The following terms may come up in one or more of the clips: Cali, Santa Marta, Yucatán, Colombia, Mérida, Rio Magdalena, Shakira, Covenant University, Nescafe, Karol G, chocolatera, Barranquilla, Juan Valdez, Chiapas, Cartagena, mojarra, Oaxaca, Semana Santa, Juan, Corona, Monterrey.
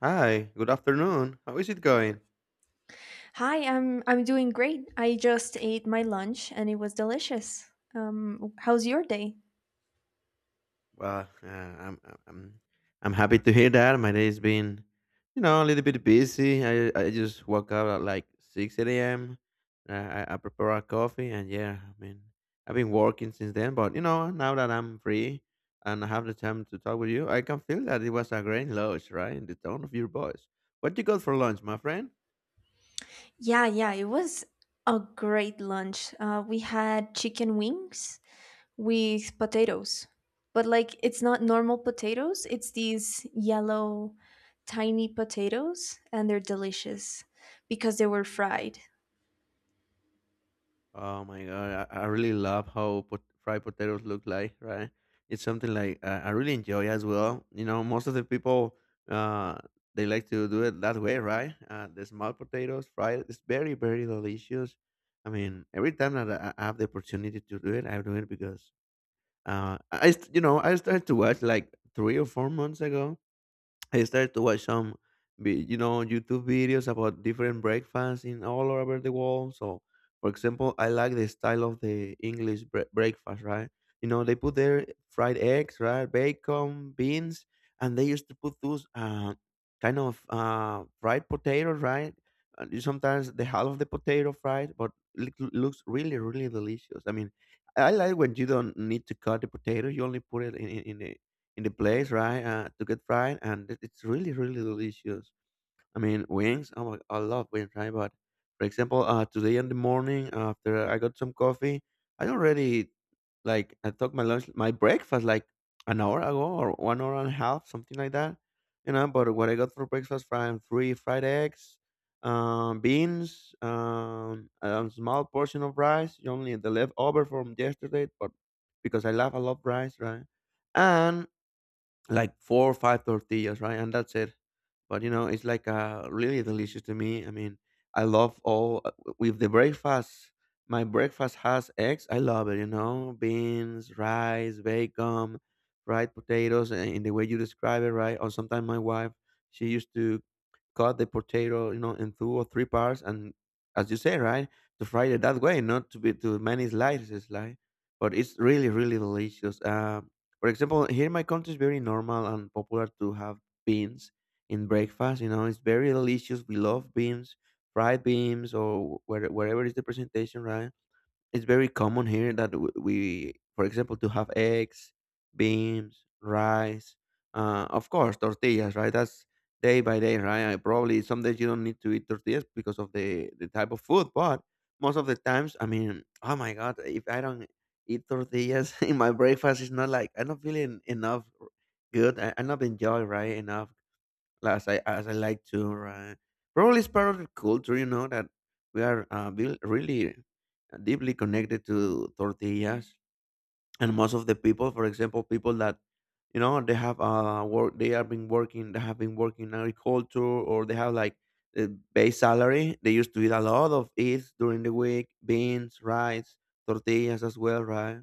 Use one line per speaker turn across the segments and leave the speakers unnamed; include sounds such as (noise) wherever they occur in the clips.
Hi, good afternoon. How is it going?
Hi, I'm doing great. I just ate my lunch and it was delicious. How's your day?
Well, I'm happy to hear that. My day's been a little bit busy. I just woke up at like 6 a.m. I prepare a coffee, and I've been working since then. But you know, now that I'm free and I have the time to talk with you, I can feel that it was a great lunch, right? In the tone of your voice. What you got for lunch, my friend?
Yeah, yeah, it was a great lunch. We had chicken wings with potatoes, but like it's not normal potatoes. It's these yellow, tiny potatoes, and they're delicious because they were fried.
Oh my god, I really love how fried potatoes look like, right? It's something like I really enjoy as well. You know, most of the people uh they like to do it that way, right? The small potatoes fried it's very very delicious. I mean, every time that I have the opportunity to do it, I do it because I st- you know I started to watch like 3 or 4 months ago I started to watch some, YouTube videos about different breakfasts in all over the world. So, for example, I like the style of the English breakfast, right? You know, they put their fried eggs, right, bacon, beans, and they used to put those kind of fried potatoes, right? And sometimes the half of the potato fried, but it looks really, really delicious. I mean, I like when you don't need to cut the potato; you only put it in the place, right? To get fried, and it's really, really delicious. I mean, wings. Oh my, I love wings, right? But for example, today in the morning after I got some coffee, I already I took my lunch, my breakfast like an hour ago or 1 hour and a half, something like that. You know, but what I got for breakfast from three fried eggs, beans, a small portion of rice, only the leftover from yesterday, but because I love rice, right? And like four or five tortillas, right? And that's it. But you know, it's like really delicious to me. I mean, I love all with the breakfast. My breakfast has eggs. I love it. You know, beans, rice, bacon, fried potatoes, and in the way you describe it, right? Or sometimes my wife, she used to cut the potato, you know, in two or three parts, and as you say, right, to fry it that way, not to be too many slices, like. But it's really, really delicious. For example, here in my country, it's very normal and popular to have beans in breakfast. You know, it's very delicious. We love beans, fried beans, or wherever is the presentation, right? It's very common here that we, for example, to have eggs, beans, rice, of course, tortillas, right? That's day by day, right? I probably some days you don't need to eat tortillas because of the type of food, but most of the times, I mean, oh my God, if I don't eat tortillas (laughs) in my breakfast, it's not like I'm not feeling enough good. I'm not enjoying, right? Enough as I like to, right? Probably it's part of the culture, you know, that we are really deeply connected to tortillas, and most of the people, for example, people that you know they have been working in agriculture, or they have like a base salary. They used to eat a lot of it during the week, beans, rice, tortillas as well, right?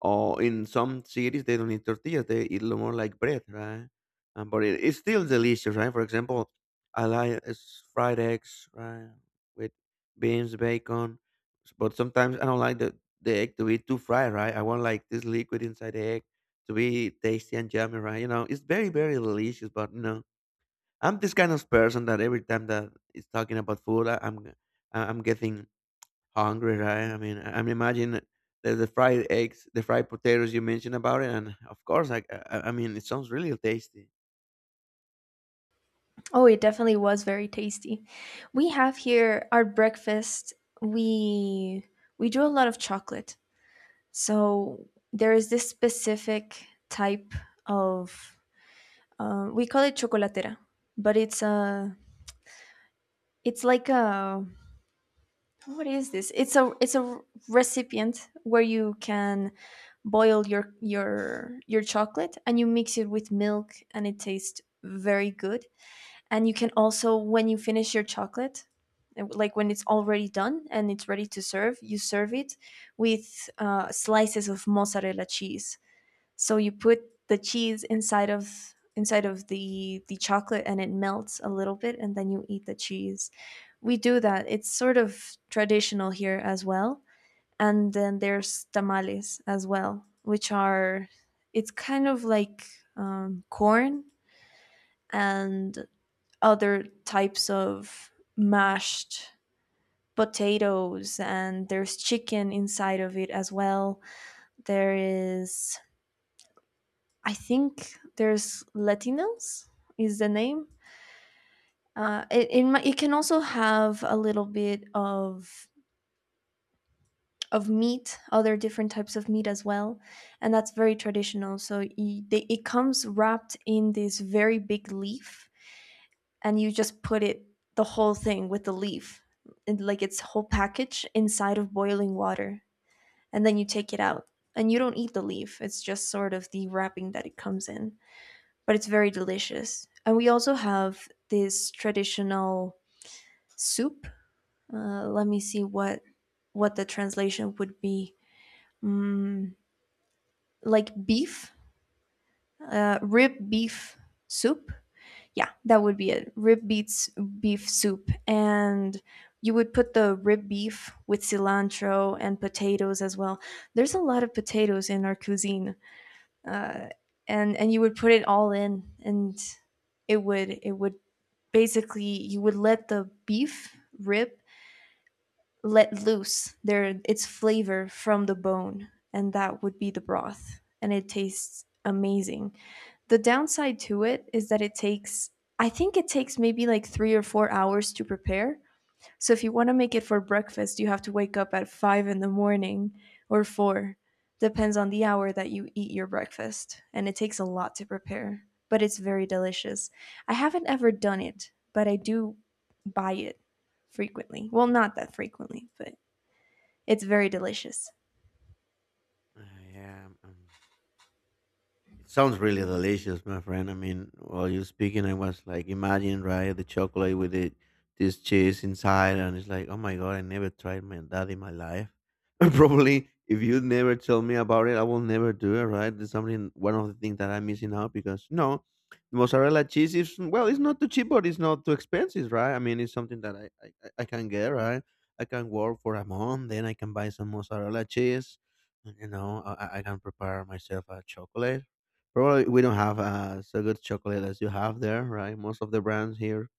Or in some cities, they don't eat tortillas; they eat more like bread, right? But it's still delicious, right? For example, I like fried eggs, right, with beans, bacon. But sometimes I don't like the egg to be too fried, right? I want like this liquid inside the egg to be tasty and yummy, right? You know, it's very, very delicious. But you know, I'm this kind of person that every time that is talking about food, I'm getting hungry, right? I mean, imagine the fried eggs, the fried potatoes you mentioned about it, and of course, it sounds really tasty.
Oh, it definitely was very tasty. We have here our breakfast. We we do a lot of chocolate. So there is this specific type of we call it chocolatera, but it's a it's like a what is this? It's a recipient where you can boil your chocolate and you mix it with milk and it tastes very good. And you can also, when you finish your chocolate, like when it's already done and it's ready to serve, you serve it with slices of mozzarella cheese. So you put the cheese inside of the chocolate and it melts a little bit and then you eat the cheese. We do that. It's sort of traditional here as well. And then there's tamales as well, which are it's kind of like corn and other types of mashed potatoes, and there's chicken inside of it as well. There is I think there's Latinos is the name. It can also have a little bit of meat, other different types of meat as well, and that's very traditional. So y they, it comes wrapped in this very big leaf, and you just put it, the whole thing with the leaf, and like its whole package inside of boiling water, and then you take it out, and you don't eat the leaf. It's just sort of the wrapping that it comes in. But it's very delicious. And we also have this traditional soup. Let me see what the translation would be. Mm, like beef, rib beef soup. Yeah, that would be it. Rib beets beef soup, and you would put the rib beef with cilantro and potatoes as well. There's a lot of potatoes in our cuisine, uh, and you would put it all in, and it would basically, you would let the beef rib let loose their its flavor from the bone, and that would be the broth and it tastes amazing. The downside to it is that it takes I think it takes maybe like 3 or 4 hours to prepare. So if you want to make it for breakfast, you have to wake up at five in the morning, or four. Depends on the hour that you eat your breakfast. And it takes a lot to prepare, but it's very delicious. I haven't ever done it, but I do buy it frequently. Well, not that frequently, but it's very delicious.
Uh, yeah, it sounds really delicious, my friend. I mean, while you're speaking, I was like, imagine, right, the chocolate with it, this cheese inside, and it's like, oh my god, I never tried my that in my life. (laughs) And probably, if you never tell me about it, I will never do it, right? It's something, one of the things that I'm missing out because no, mozzarella cheese is well, it's not too cheap, but it's not too expensive, right? I mean, it's something that I can get, right? I can work for a month, then I can buy some mozzarella cheese. You know, I can prepare myself a chocolate. Probably we don't have so good chocolate as you have there, right? Most of the brands here,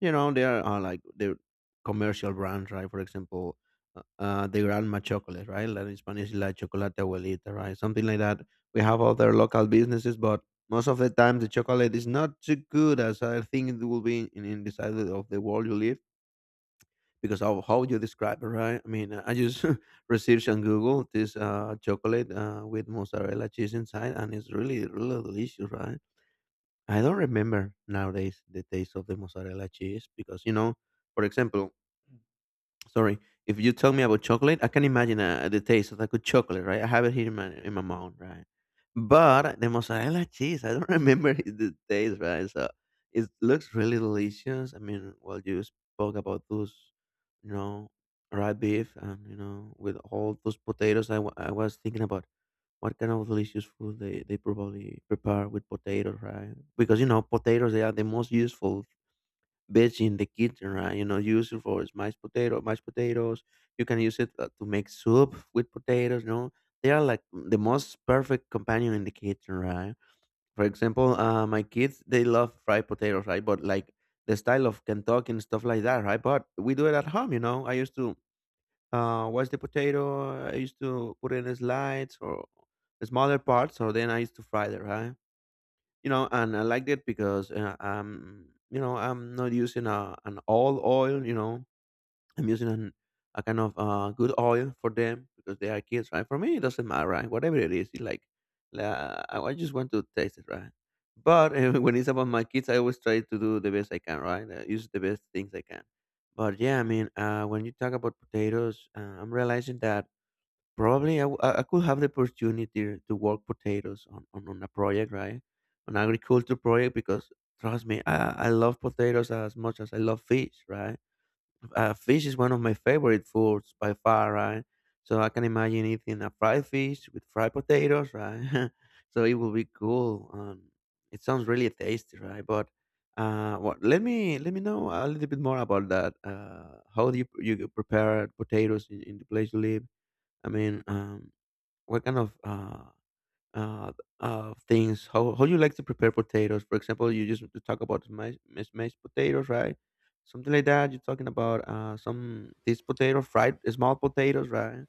you know, they are like the commercial brands, right? For example, the grandma chocolate, right? Like in Spanish, La Chocolate Abuelita, right? Something like that. We have other local businesses, but most of the time the chocolate is not too good as I think it will be in the side of the world you live because of how you describe it, right? I mean, I just (laughs) researched on Google this chocolate with mozzarella cheese inside, and it's really, really delicious, right? I don't remember nowadays the taste of the mozzarella cheese because you know, for example, sorry, if you tell me about chocolate, I can imagine the taste of like a good chocolate, right? I have it here in my mouth, right? But the mozzarella cheese, I don't (laughs) remember the taste, right? So it looks really delicious. I mean, well, you spoke about those, you know, raw beef, and you know, with all those potatoes, I was thinking about what kind of delicious food they probably prepare with potatoes, right? Because you know potatoes they are the most useful veg in the kitchen, right? You know, use it for mashed potato, mashed potatoes. You can use it to make soup with potatoes. You know, they are like the most perfect companion in the kitchen, right? For example, my kids they love fried potatoes, right? But like the style of Kentucky and stuff like that, right? But we do it at home, you know. I used to wash the potato. I used to put in slides or smaller parts, or then I used to fry them, right? You know, and I liked it because you know, I'm not using an all oil. You know, I'm using a kind of good oil for them because they are kids, right? For me, it doesn't matter, right? Whatever it is, it like, I just want to taste it, right? But (laughs) when it's about my kids, I always try to do the best I can, right? Use the best things I can. But yeah, I mean, when you talk about potatoes, I'm realizing that probably I could have the opportunity to work potatoes on a project, right? An agriculture project because trust me, I love potatoes as much as I love fish, right? Fish is one of my favorite foods by far, right? So I can imagine eating a fried fish with fried potatoes, right? (laughs) So it will be cool. It sounds really tasty, right? But let me know a little bit more about that. How do you prepare potatoes in the place you live? I mean, what kind of uh, things. How you like to prepare potatoes? For example, you just to talk about mashed potatoes, right? Something like that. You're talking about some these potato fried small potatoes, right?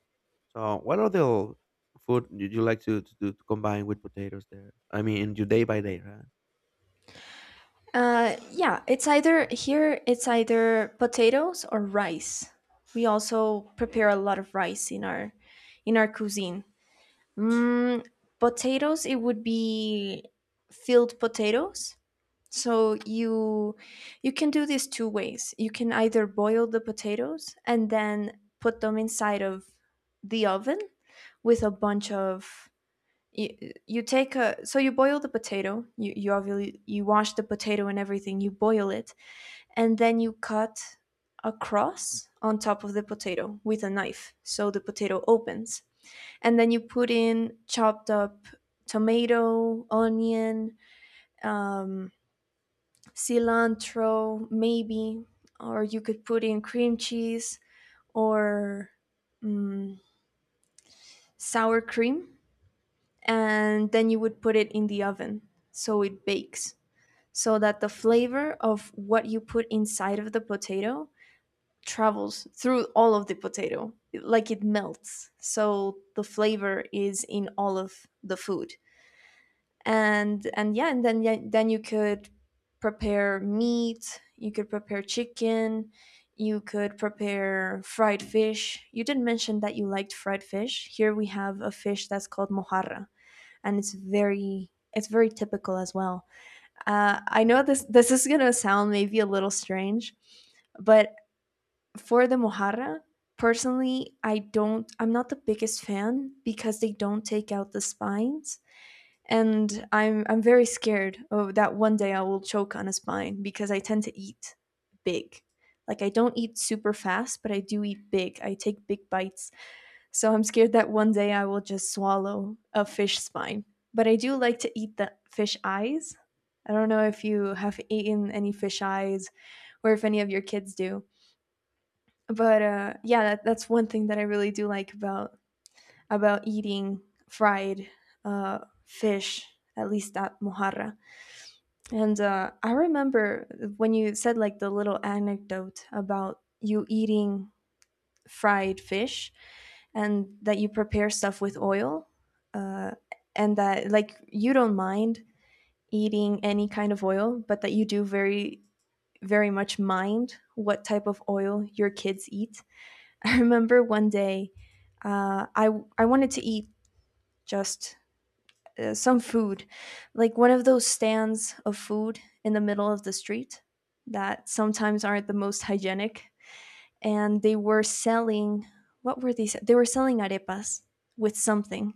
So, what other food did you like to do to combine with potatoes there? I mean, in your day by day, right?
Yeah, it's either here, it's either potatoes or rice. We also prepare a lot of rice in our cuisine. Mm, Potatoes, it would be filled potatoes. So you can do this two ways. You can either boil the potatoes and then put them inside of the oven with a bunch of you, you take a, so you boil the potato. You, obviously you wash the potato and everything, you boil it, and then you cut a cross on top of the potato with a knife so the potato opens, and then you put in chopped up tomato, onion, um, cilantro, maybe, or you could put in cream cheese, or mm, sour cream, and then you would put it in the oven so it bakes, so that the flavor of what you put inside of the potato travels through all of the potato, like it melts. So the flavor is in all of the food. And yeah and then yeah, then you could prepare meat, you could prepare chicken, you could prepare fried fish. You did mention that you liked fried fish. Here we have a fish that's called mojarra and it's very typical as well. I know this is gonna sound maybe a little strange, but for the mojarra, personally I'm not the biggest fan because they don't take out the spines, and I'm very scared of that one day I will choke on a spine because I tend to eat big. Like I don't eat super fast, but I do eat big. I take big bites. So I'm scared that one day I will just swallow a fish spine. But I do like to eat the fish eyes. I don't know if you have eaten any fish eyes, or if any of your kids do. But yeah, that, that's one thing that I really do like about eating fried uh, fish. At least at mojarra. And I remember when you said, like, the little anecdote about you eating fried fish and that you prepare stuff with oil, uh, and that like you don't mind eating any kind of oil, but that you do very, very much mind what type of oil your kids eat. (laughs) I remember one day, uh, I, I wanted to eat just some food, like one of those stands of food in the middle of the street that sometimes aren't the most hygienic. And they were selling, what were they? They were selling arepas with something.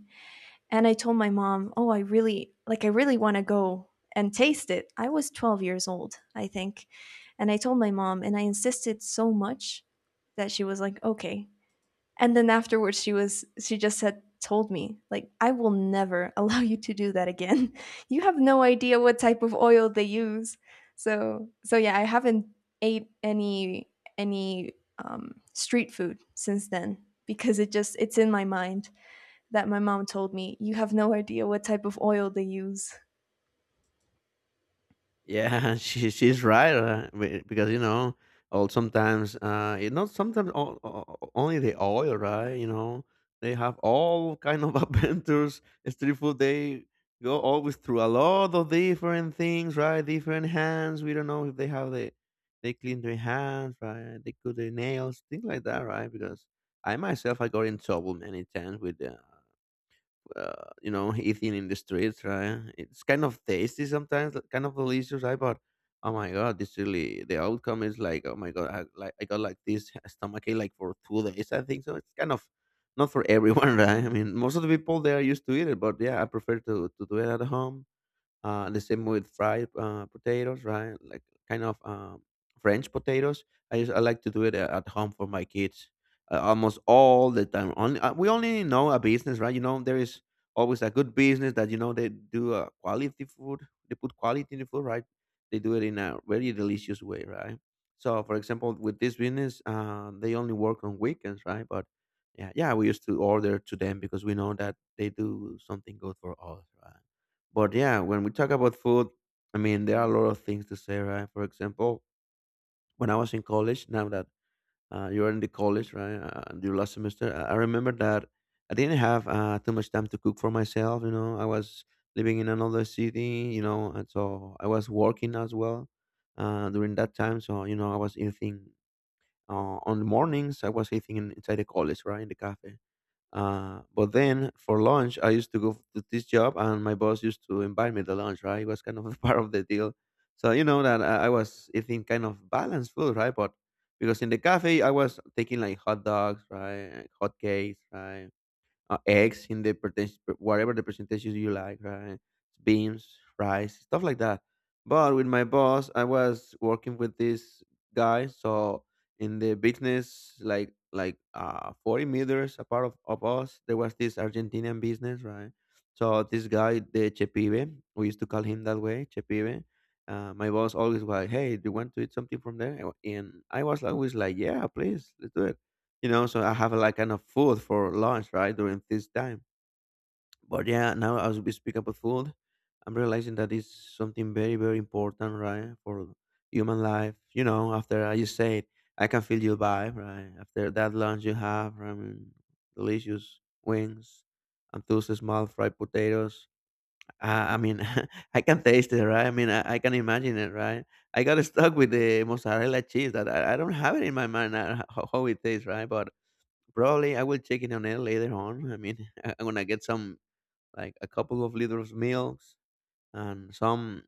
And I told my mom, oh, I really, like, I really want to go and taste it. I was 12 years old, I think. And I told my mom, and I insisted so much that she was like, okay, and then afterwards, she was she just said told me, like, I will never (laughs) allow you to do that again. (laughs) You have no idea what type of oil they use. So yeah, I haven't ate any street food since then, because it just it's in my mind that my mom told me you have no idea what type of oil they use.
Yeah, (laughs) she's right because you know, all sometimes it not sometimes only the oil, right? You know, they have all kind of (laughs) adventures. Street food they go always through a lot of different things, right? Different hands. We don't know if they have the they clean their hands, right? They cut their nails, things like that, right? Because I myself I got in trouble many times with the (laughs) eating in the streets, right? It's kind of tasty sometimes, like, kind of delicious, right? But oh my god, this really, the outcome is like, oh my god, I got like this (laughs) stomach ache like for 2 days, I think. So it's kind of not for everyone, (laughs) right? I mean, most of the people, they are used to eat it, but yeah, I prefer to do it at home. The same with fried potatoes, right? Like kind of French potatoes. I like to do it at home for my kids almost all the time. Only we only know a business, right? You know, there is always a good business that, you know, they do quality food. They put quality in the food, right? They do it in a very delicious way, right? So, for example, with this business, they only work on weekends, right? But yeah, yeah, we used to order to them because we know that they do something good for us, right? But yeah, when we talk about food, I mean, there are a lot of things to say, right? For example, when I was in college, now that you're in the college, right, and your last semester, I remember that I didn't have too much time to cook for myself. You know, I was living in another city, you know, and so I was working as well during that time. So, you know, I was eating on the mornings, I was eating inside the college, right, in the cafe. But then for lunch, I used to go to this job, and my boss used to invite me to lunch. Right, it was kind of a (laughs) part of the deal. So, you know that I was eating kind of balanced food, right? But because in the cafe, I was taking like hot dogs, right, hot cakes, right, eggs in the percentage, whatever the percentages you like, right? Beans, rice, stuff like that. But with my boss, I was working with this guy, so in the business, like like 40 meters apart of us, there was this Argentinian business, right? So this guy, the Chepibe, we used to call him that way, Chepibe. My boss always was like, "Hey, do you want to eat something from there?" And I was always like, "Yeah, please, let's do it." You know, so I have like kind of food for lunch, right, during this time. But yeah, now as we speak about food, I'm realizing that it's something very, very important, right, for human life. You know, after I just said, I can feel your vibe, right? After that lunch you have, right, I mean, delicious wings and those small fried potatoes. I mean, (laughs) I can taste it, right? I mean, I can imagine it, right? I got (laughs) stuck with the mozzarella cheese that I don't have it in my mind how it tastes, right? But probably I will check it on it later on. I mean, (laughs) I'm gonna get some like a couple of liters of milks and some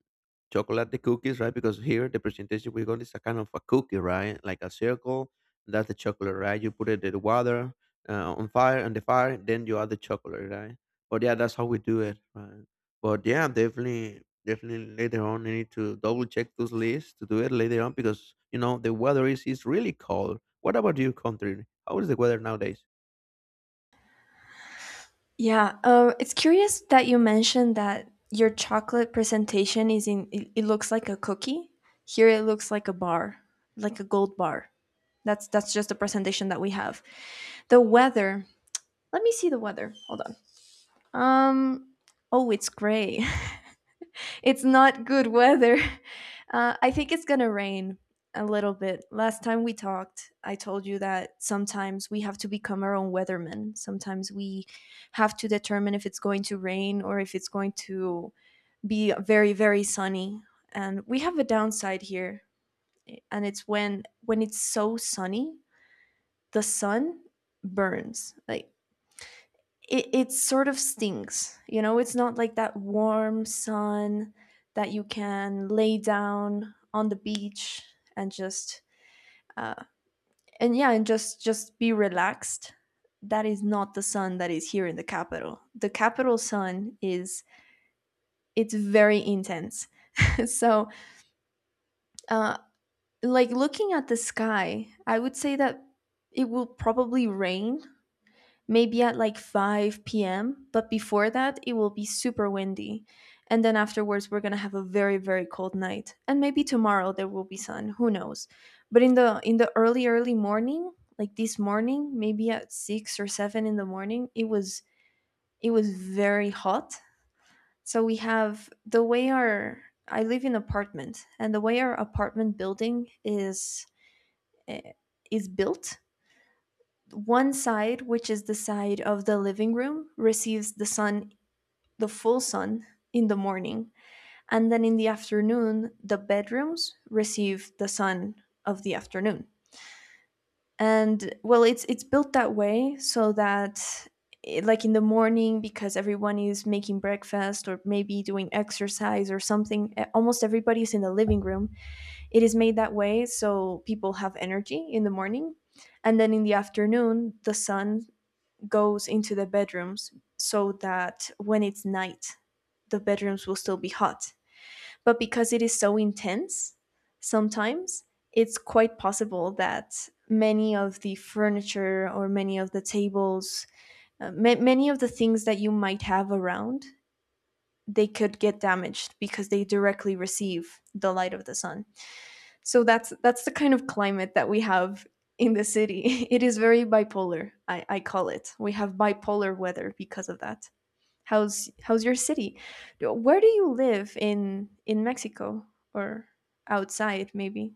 chocolate cookies, right? Because here the presentation we got is a kind of a cookie, right? Like a circle. That's the chocolate, right? You put it in the water on fire and the fire, then you add the chocolate, right? But yeah, that's how we do it, right? But yeah, definitely later on I need to double check those lists to do it later on, because you know, the weather is really cold. What about your country? How is the weather nowadays?
Yeah, it's curious that you mentioned that your chocolate presentation is in. It looks like a cookie. Here, it looks like a bar, like a gold bar. That's just the presentation that we have. The weather. Let me see the weather. Hold on. Um. Oh, it's gray. (laughs) It's not good weather. (laughs) I think it's gonna rain a little bit. Last time we talked, I told you that sometimes we have to become our own weatherman. Sometimes we have to determine if it's going to rain or if it's going to be very, very sunny. And we have a downside here, and it's when it's so sunny, the sun burns. Like it sort of stinks. You know, it's not like that warm sun that you can lay down on the beach and just uh, and yeah, and just be relaxed. That is not the sun that is here in the capital. The capital sun is it's very intense. (laughs) So, uh, like, looking at the sky, I would say that it will probably rain maybe at like 5 p.m. But before that, it will be super windy. And then afterwards, we're going to have a very, very cold night. And maybe tomorrow there will be sun. Who knows? But in the early, early morning, like this morning, maybe at six or seven in the morning, it was very hot. So we have the way our I live in an apartment, and the way our apartment building eh, is built, one side, which is the side of the living room, receives the sun, the full sun in the morning, and then in the afternoon, the bedrooms receive the sun of the afternoon. And well, it's built that way so that, like in the morning, because everyone is making breakfast or maybe doing exercise or something, almost everybody is in the living room, it is made that way so people have energy in the morning, and then in the afternoon the sun goes into the bedrooms, so that when it's night, the bedrooms will still be hot. But because it is so intense, sometimes it's quite possible that many of the furniture or many of the tables, many of the things that you might have around, they could get damaged because they directly receive the light of the sun. So that's the kind of climate that we have in the city. (laughs) It is very bipolar. I call it. We have bipolar weather because of that. How's your city? Where do you live, in Mexico, or outside maybe?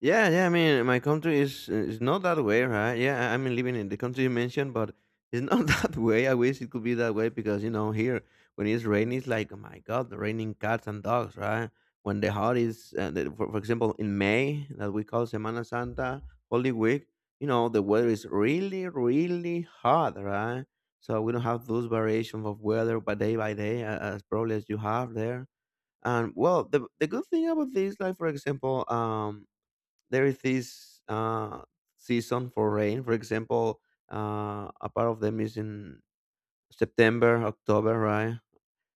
Yeah, yeah. I mean, my country is not that way, right? Yeah, I mean, living in the country you mentioned, but it's not (laughs) that way. I wish it could be that way, because you know, here when it's raining, it's like, oh my god, the raining cats and dogs, right? When the hot is, for example, in May that we call Semana Santa, Holy Week, you know, the weather is really, really hot, right? So we don't have those variations of weather by day as probably as you have there. And well, the good thing about this, like, for example, there is this season for rain. For example, a part of them is in September, October, right?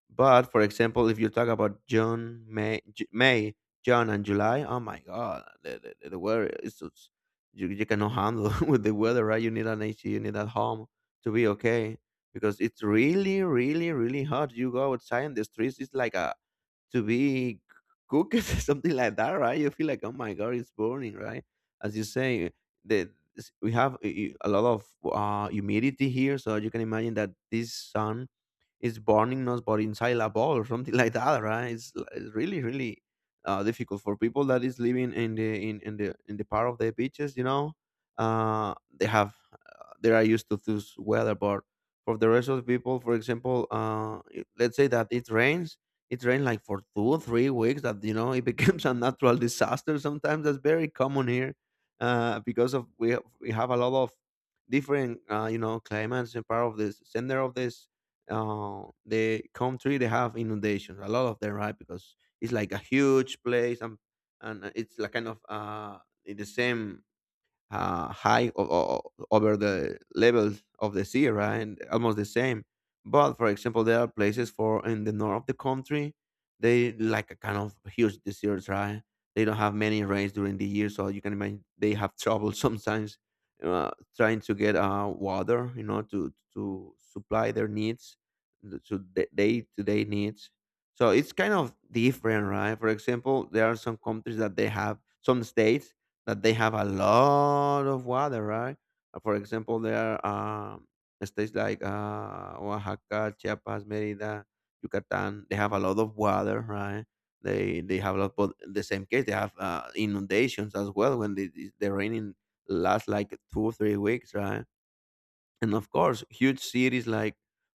But for example, if you talk about June, May, May, June, and July, oh my God, the weather is just, you cannot handle (laughs) with the weather, right? You need an AC, you need at home to be okay, because it's really, really, really hot. You go outside in the streets, it's like a to be cooked, (laughs) something like that, right? You feel like, oh my God, it's burning, right? As you say, the we have a lot of humidity here, so you can imagine that this sun is burning us but inside a ball or something (laughs) like that, right? It's it's really really difficult for people that is living in the in the part of the beaches, you know. uh they have, they are used to this weather. But for the rest of the people, for example, let's say that it rains like for 2 or 3 weeks. That, you know, it (laughs) becomes a natural disaster. Sometimes that's very common here because of, we have a lot of different you know, climates, and part of this center of this the country, they have inundations, a lot of them, right? Because it's like a huge place, and it's like kind of in the same high over the levels of the sea, right? And almost the same. But for example, there are places for in the north of the country, they like a kind of huge deserts, right? They don't have many rains during the year, so you can imagine they have trouble (laughs) sometimes trying to get water, you know, to supply their needs, the- to to day needs. So it's kind of different, right? For example, there are some countries that they have some states that they have a lot of water, right? For example, there are states like Oaxaca, Chiapas, Mérida, Yucatán. They have a lot of water, right? They have a lot, but in the same case, they have inundations as well when the raining lasts like 2 or 3 weeks, right? And of course, huge cities like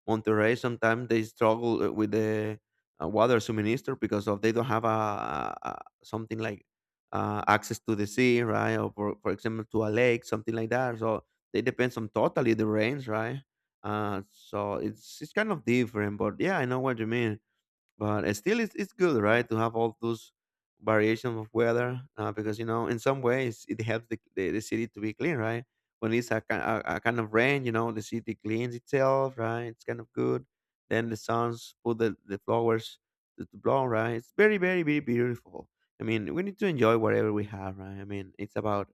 Monterrey, sometimes they struggle with the water suminister, because of they don't have something like access to the sea, right? Or for example, to a lake, something like that. So they depends on totally the rains, right? So it's kind of different, but yeah, I know what you mean. But it's still, it's good, right, to have all those variations of weather, because you know, in some ways it helps the city to be clean, right? When it's a, a kind of rain, you know, the city cleans itself, right? It's kind of good. Then the suns put the flowers to blow, right? It's very very very beautiful. I mean, we need to enjoy whatever we have, right? I mean, it's about,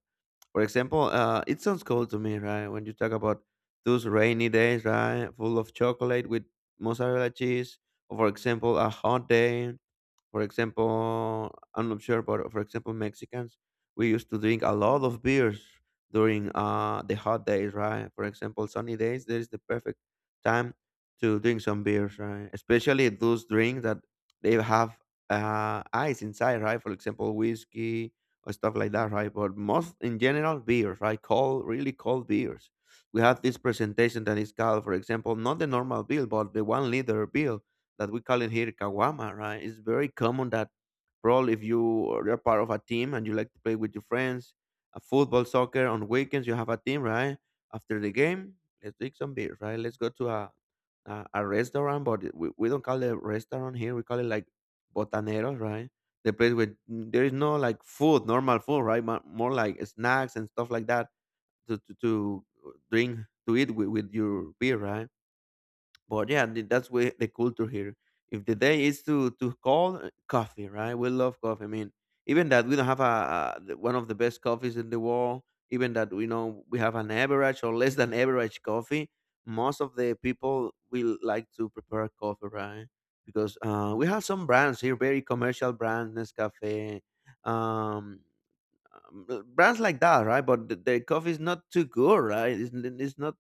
for example, it sounds cool to me, right? When you talk about those rainy days, right, full of chocolate with mozzarella cheese, or for example, a hot day, for example, I'm not sure, but for example, Mexicans, we used to drink a lot of beers during the hot days, right? For example, sunny days, there is the perfect time to drink some beers, right? Especially those drinks that they have ice inside, right? For example, whiskey or stuff like that, right? But most in general, beers, right? Cold, really cold beers. We have this presentation that is called, for example, not the normal bill, but the 1 liter bill that we call it here kawama, right? It's very common that probably if you are part of a team and you like to play with your friends, a football, soccer on weekends, you have a team, right? After the game, let's drink some beer, right? Let's go to a a restaurant, but we don't call it restaurant here. We call it like botaneros, right? The place where mm, there is no like food, normal food, right? More like snacks and stuff like that to drink, to eat with your beer, right? But yeah, that's where the culture here. If the day is to call coffee, right? We love coffee. I mean, even that we don't have one of the best coffees in the world. Even that we know we have an average or less than average coffee. Most of the people will like to prepare coffee, right? Because we have some brands here, very commercial brands, Nescafe, um, um, brands like that, right? But the coffee is not too good, right? It's not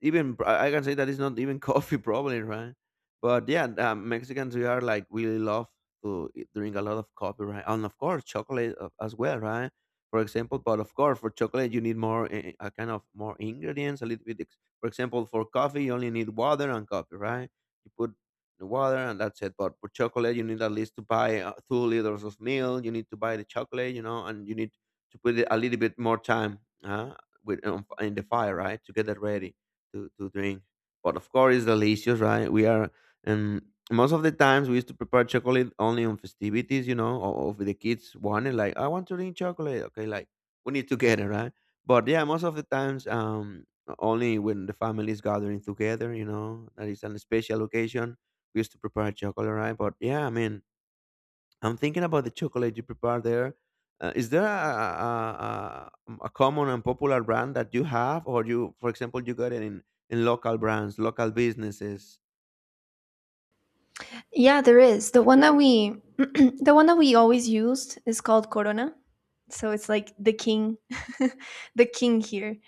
even I can say that it's not even coffee, (laughs) probably, right? But yeah, Mexicans we are like really love to drink a lot of coffee, right? And of course, chocolate as well, right? For example, but of course, for chocolate you need more a kind of more ingredients, a little bit. For example, for coffee you only need water and coffee, right? You put the water and that's it. But for chocolate you need at least to buy 2 liters of milk. You need to buy the chocolate, you know, and you need to put it a little bit more time with in the fire, right, to get it ready to drink. But of course, it's delicious, right? We are, and most of the times we used to prepare chocolate only on festivities, you know, or of the kids wanted like, I want to drink chocolate. Okay, like we need to get it, right? But yeah, most of the times, only when the family is gathering together, you know, that is an special occasion. We used to prepare chocolate, right? But yeah, I mean, I'm thinking about the chocolate you prepare there. Is there a common and popular brand that you have, or you, for example, you got it in local brands, local businesses?
Yeah, there is. The one that we (clears throat) the one that we always used is called Corona. So it's like the king, (laughs) the king here.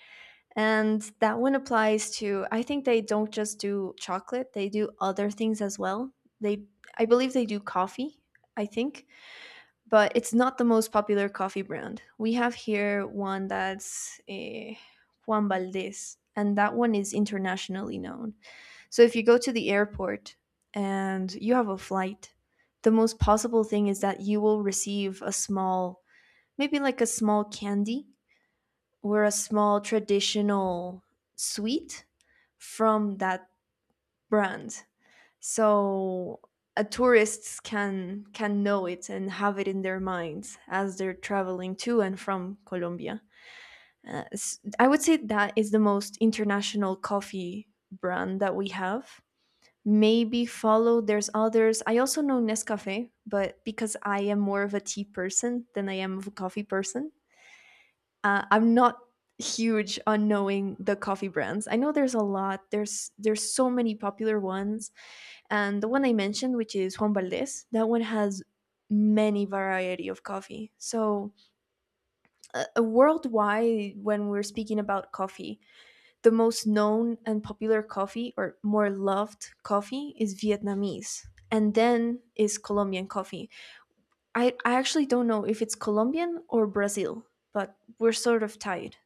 And that one applies to, I think they don't just do chocolate, they do other things as well. They, I believe they do coffee, I think, but it's not the most popular coffee brand. We have here one that's Juan Valdez, and that one is internationally known. So if you go to the airport and you have a flight, the most possible thing is that you will receive a small, maybe like a small candy or a small traditional sweet from that brand, so tourists can know it and have it in their minds as they're traveling to and from Colombia. I would say that is the most international coffee brand that we have. Maybe follow. There's others. I also know Nescafe, but because I am more of a tea person than I am of a coffee person, I'm not huge on knowing the coffee brands. I know there's a lot. There's so many popular ones, and the one I mentioned, which is Juan Valdez, that one has many variety of coffee. So worldwide, when we're speaking about coffee, the most known and popular coffee or more loved coffee is Vietnamese, and then is Colombian coffee. I actually don't know if it's Colombian or Brazil, but we're sort of tied.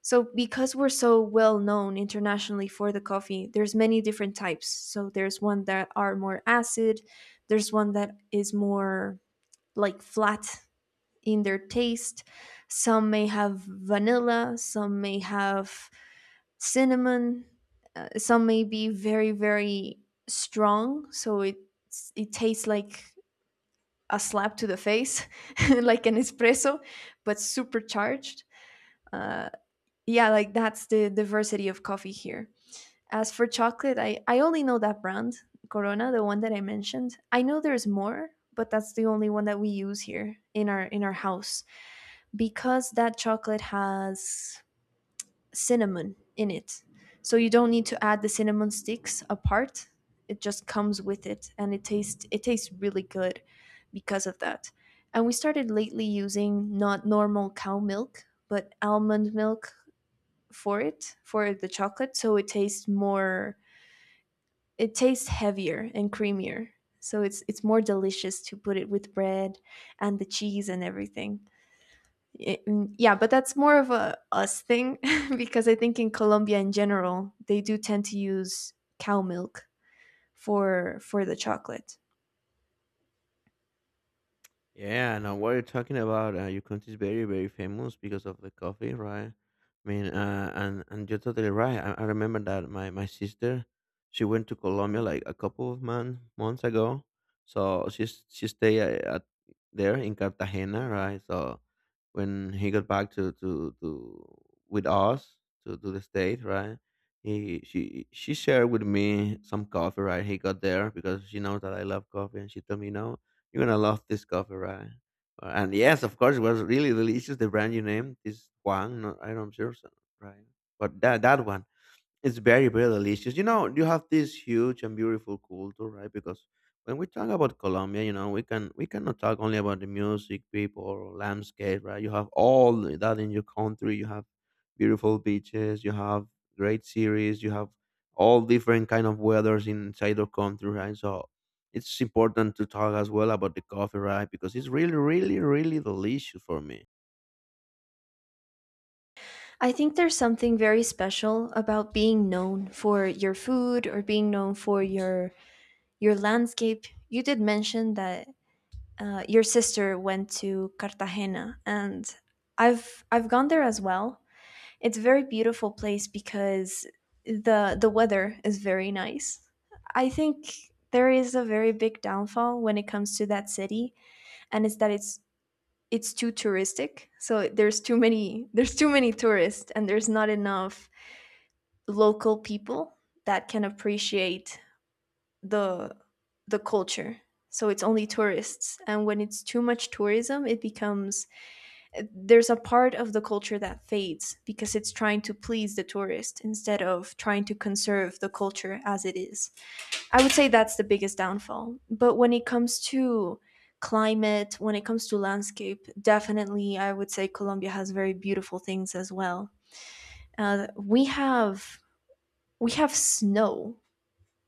So because we're so well known internationally for the coffee, there's many different types. So there's one that are more acid, there's one that is more like flat in their taste. Some may have vanilla, some may have cinnamon, some may be very strong, so it tastes like a slap to the face, (laughs) like an espresso, but supercharged. Uh, yeah, like that's the diversity of coffee here. As for chocolate, I only know that brand, Corona, the one that I mentioned. I know there's more, but that's the only one that we use here in our house, because that chocolate has cinnamon in it. So you don't need to add the cinnamon sticks apart. It just comes with it and it tastes really good because of that. And we started lately using not normal cow milk, but almond milk for it, for the chocolate, so it tastes more. It tastes heavier and creamier, so it's more delicious to put it with bread and the cheese and everything. Yeah, but that's more of a us thing (laughs) because I think in Colombia in general they do tend to use cow milk for the chocolate.
Yeah, now what you're talking about, your country is very, very famous because of the coffee, right? I mean, and you're totally right. I remember that my sister, she went to Colombia like a couple of months ago. So she stayed at there in Cartagena, right? So when he got back to with us to the state, right? He she shared with me some coffee, right? He got there because she knows that I love coffee, and she told me, no you're gonna love this coffee, right? And yes, of course, it was really delicious. The brand you named is Juan. No, I don't sure, so, right? But that that one. It's very, very delicious. You know, you have this huge and beautiful culture, right? Because when we talk about Colombia, you know, we cannot talk only about the music, people, or landscape, right? You have all that in your country. You have beautiful beaches. You have great series. You have all different kind of weathers inside your country, right? So it's important to talk as well about the coffee, right? Because it's really, really, really delicious for me.
I think there's something very special about being known for your food or being known for your landscape. You did mention that your sister went to Cartagena, and I've gone there as well. It's a very beautiful place because the weather is very nice. I think there is a very big downfall when it comes to that city, and it's that it's too touristic. So there's too many tourists, and there's not enough local people that can appreciate the the culture. So it's only tourists, and when it's too much tourism it becomes, there's a part of the culture that fades because it's trying to please the tourist instead of trying to conserve the culture as it is. I would say that's the biggest downfall, but when it comes to climate, when it comes to landscape, definitely I would say Colombia has very beautiful things as well. uh, we have we have snow,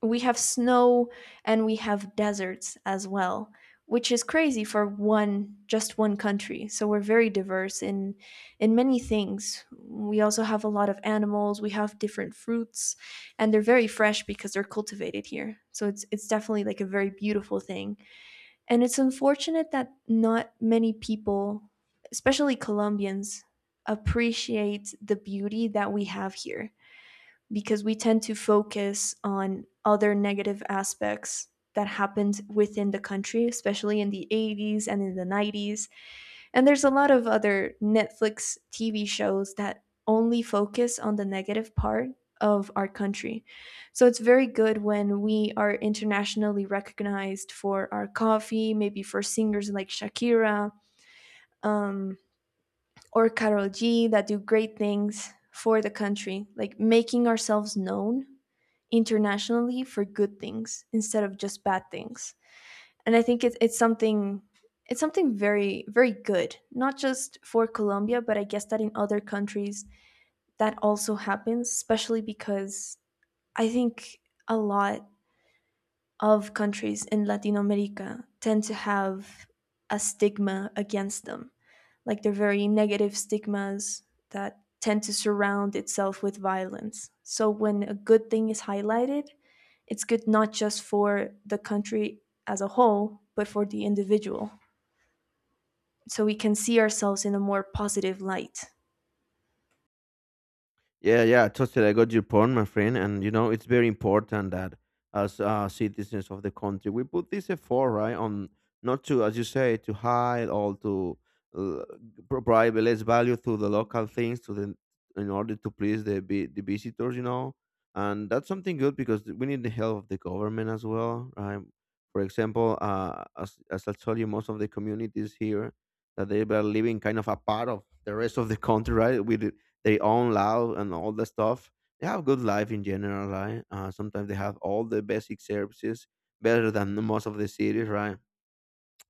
we have snow, and we have deserts as well, which is crazy for one just one country. So we're very diverse in many things. We also have a lot of animals, we have different fruits, and they're very fresh because they're cultivated here, so it's definitely like a very beautiful thing. And it's unfortunate that not many people, especially Colombians, appreciate the beauty that we have here, because we tend to focus on other negative aspects that happened within the country, especially in the 80s and in the 90s. And there's a lot of other Netflix TV shows that only focus on the negative part of our country. So it's very good when we are internationally recognized for our coffee, maybe for singers like Shakira, um, or Karol G, that do great things for the country, like making ourselves known internationally for good things instead of just bad things. And I think it's something, it's something very good, not just for Colombia, but I guess that in other countries that also happens. Especially because I think a lot of countries in Latin America tend to have a stigma against them. Like they're very negative stigmas that tend to surround itself with violence. So when a good thing is highlighted, it's good not just for the country as a whole, but for the individual. So we can see ourselves in a more positive light.
Yeah, yeah, totally. I got your point, my friend. And you know, it's very important that as citizens of the country, we put this effort right on not to, as you say, to hide or to uh, provide less value to the local things to the in order to please the the visitors. You know, and that's something good because we need the help of the government as well, right? For example, as I told you, most of the communities here that they were living kind of apart of the rest of the country, right? With their own loud and all the stuff. They have good life in general, right? Sometimes they have all the basic services better than the most of the cities, right?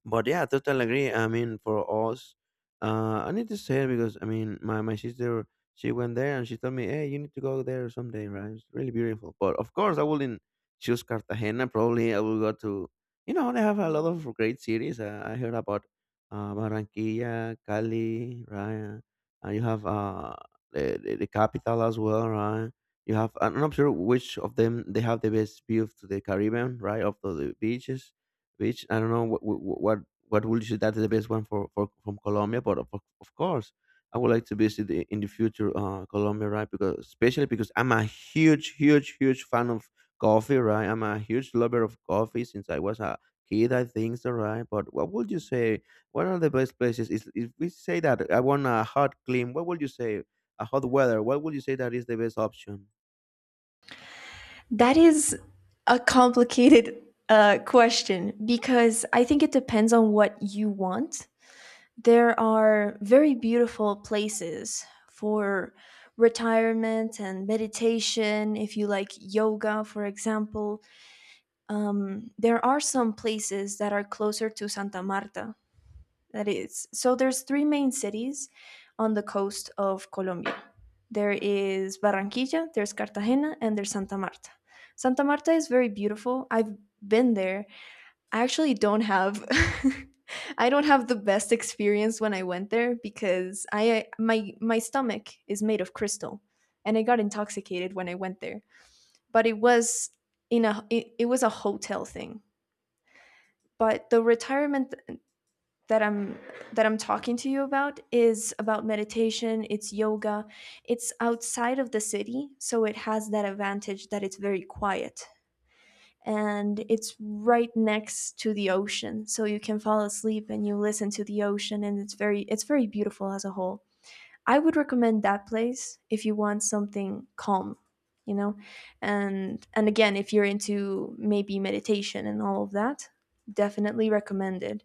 But yeah, total agree. I mean, for us, I need to say it because I mean, my sister she went there and she told me, hey, you need to go there someday, right? It's really beautiful. But of course, I wouldn't choose Cartagena. Probably I will go to you know they have a lot of great cities. I heard about Barranquilla, Cali, right? You have the capital as well, right? You have I'm not sure which of them they have the best view to the Caribbean, right? Of the beach. I don't know what, would you say that is the best one for from Colombia, but of course, I would like to visit the, in the future Colombia, right? Because especially because I'm a huge, huge, huge fan of coffee, right? I'm a huge lover of coffee since I was a kid, I think, so, right? But what would you say? What are the best places? Is if we say that I want a hot climate, what would you say? A hot weather. What would you say that is the best option?
That is a complicated question, because I think it depends on what you want. There are very beautiful places for retirement and meditation, if you like yoga, for example. There are some places that are closer to Santa Marta. That is. So there's three main cities on the coast of Colombia. There is Barranquilla, there's Cartagena, and there's Santa Marta. Santa Marta is very beautiful. I've been there. I actually don't have (laughs) I don't have the best experience when I went there, because I, my stomach is made of crystal and I got intoxicated when I went there. But it was in a, it was a hotel thing. But the retirement that I'm, that I'm talking to you about is about meditation, it's yoga. It's outside of the city, so it has that advantage that it's very quiet and it's right next to the ocean, so you can fall asleep and you listen to the ocean, and it's very, it's very beautiful as a whole. I would recommend that place if you want something calm, you know. And again, if you're into maybe meditation and all of that, definitely recommend it.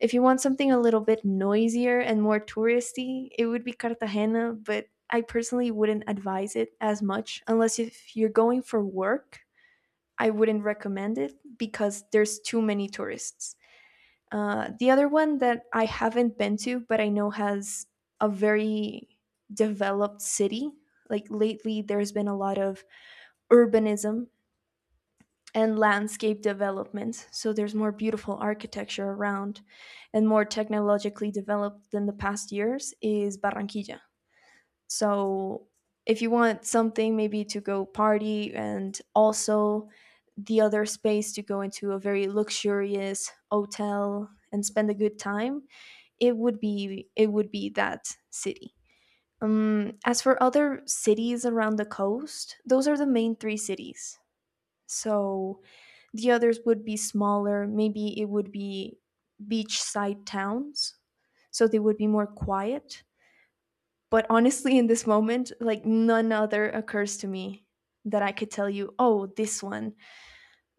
If you want something a little bit noisier and more touristy, it would be Cartagena, but I personally wouldn't advise it as much unless if you're going for work. I wouldn't recommend it because there's too many tourists. The other one that I haven't been to, but I know has a very developed city. Like lately, there's been a lot of urbanism and landscape development, so there's more beautiful architecture around and more technologically developed than the past years, is Barranquilla. So if you want something maybe to go party, and also the other space, to go into a very luxurious hotel and spend a good time, it would be that city. As for other cities around the coast, those are the main three cities. So the others would be smaller. Maybe it would be beachside towns. So they would be more quiet. But honestly, in this moment, like none other occurs to me that I could tell you, oh, this one.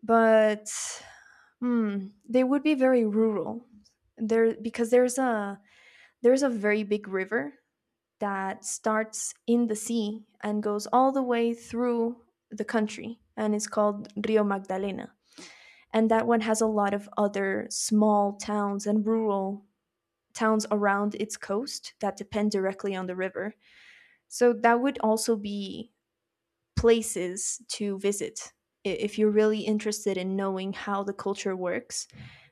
But hmm, they would be very rural. There, because there's a very big river that starts in the sea and goes all the way through the country, and it's called Rio Magdalena. And that one has a lot of other small towns and rural towns around its coast that depend directly on the river. So that would also be places to visit, if you're really interested in knowing how the culture works,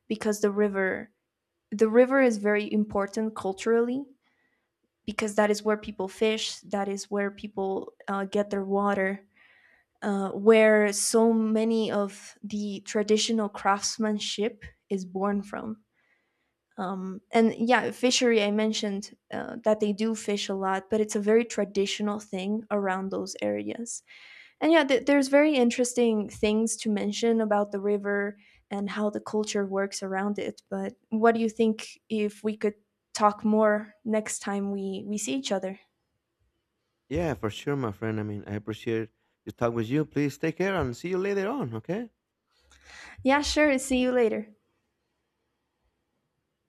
because the river is very important culturally, because that is where people fish, that is where people get their water, where so many of the traditional craftsmanship is born from. And yeah, fishery I mentioned, that they do fish a lot, but it's a very traditional thing around those areas. And yeah, there's very interesting things to mention about the river and how the culture works around it. But what do you think if we could talk more next time we see each other?
Yeah, for sure, my friend. I mean, I appreciate to talk with you. Please take care and see you later on, okay?
Yeah, sure, see you later.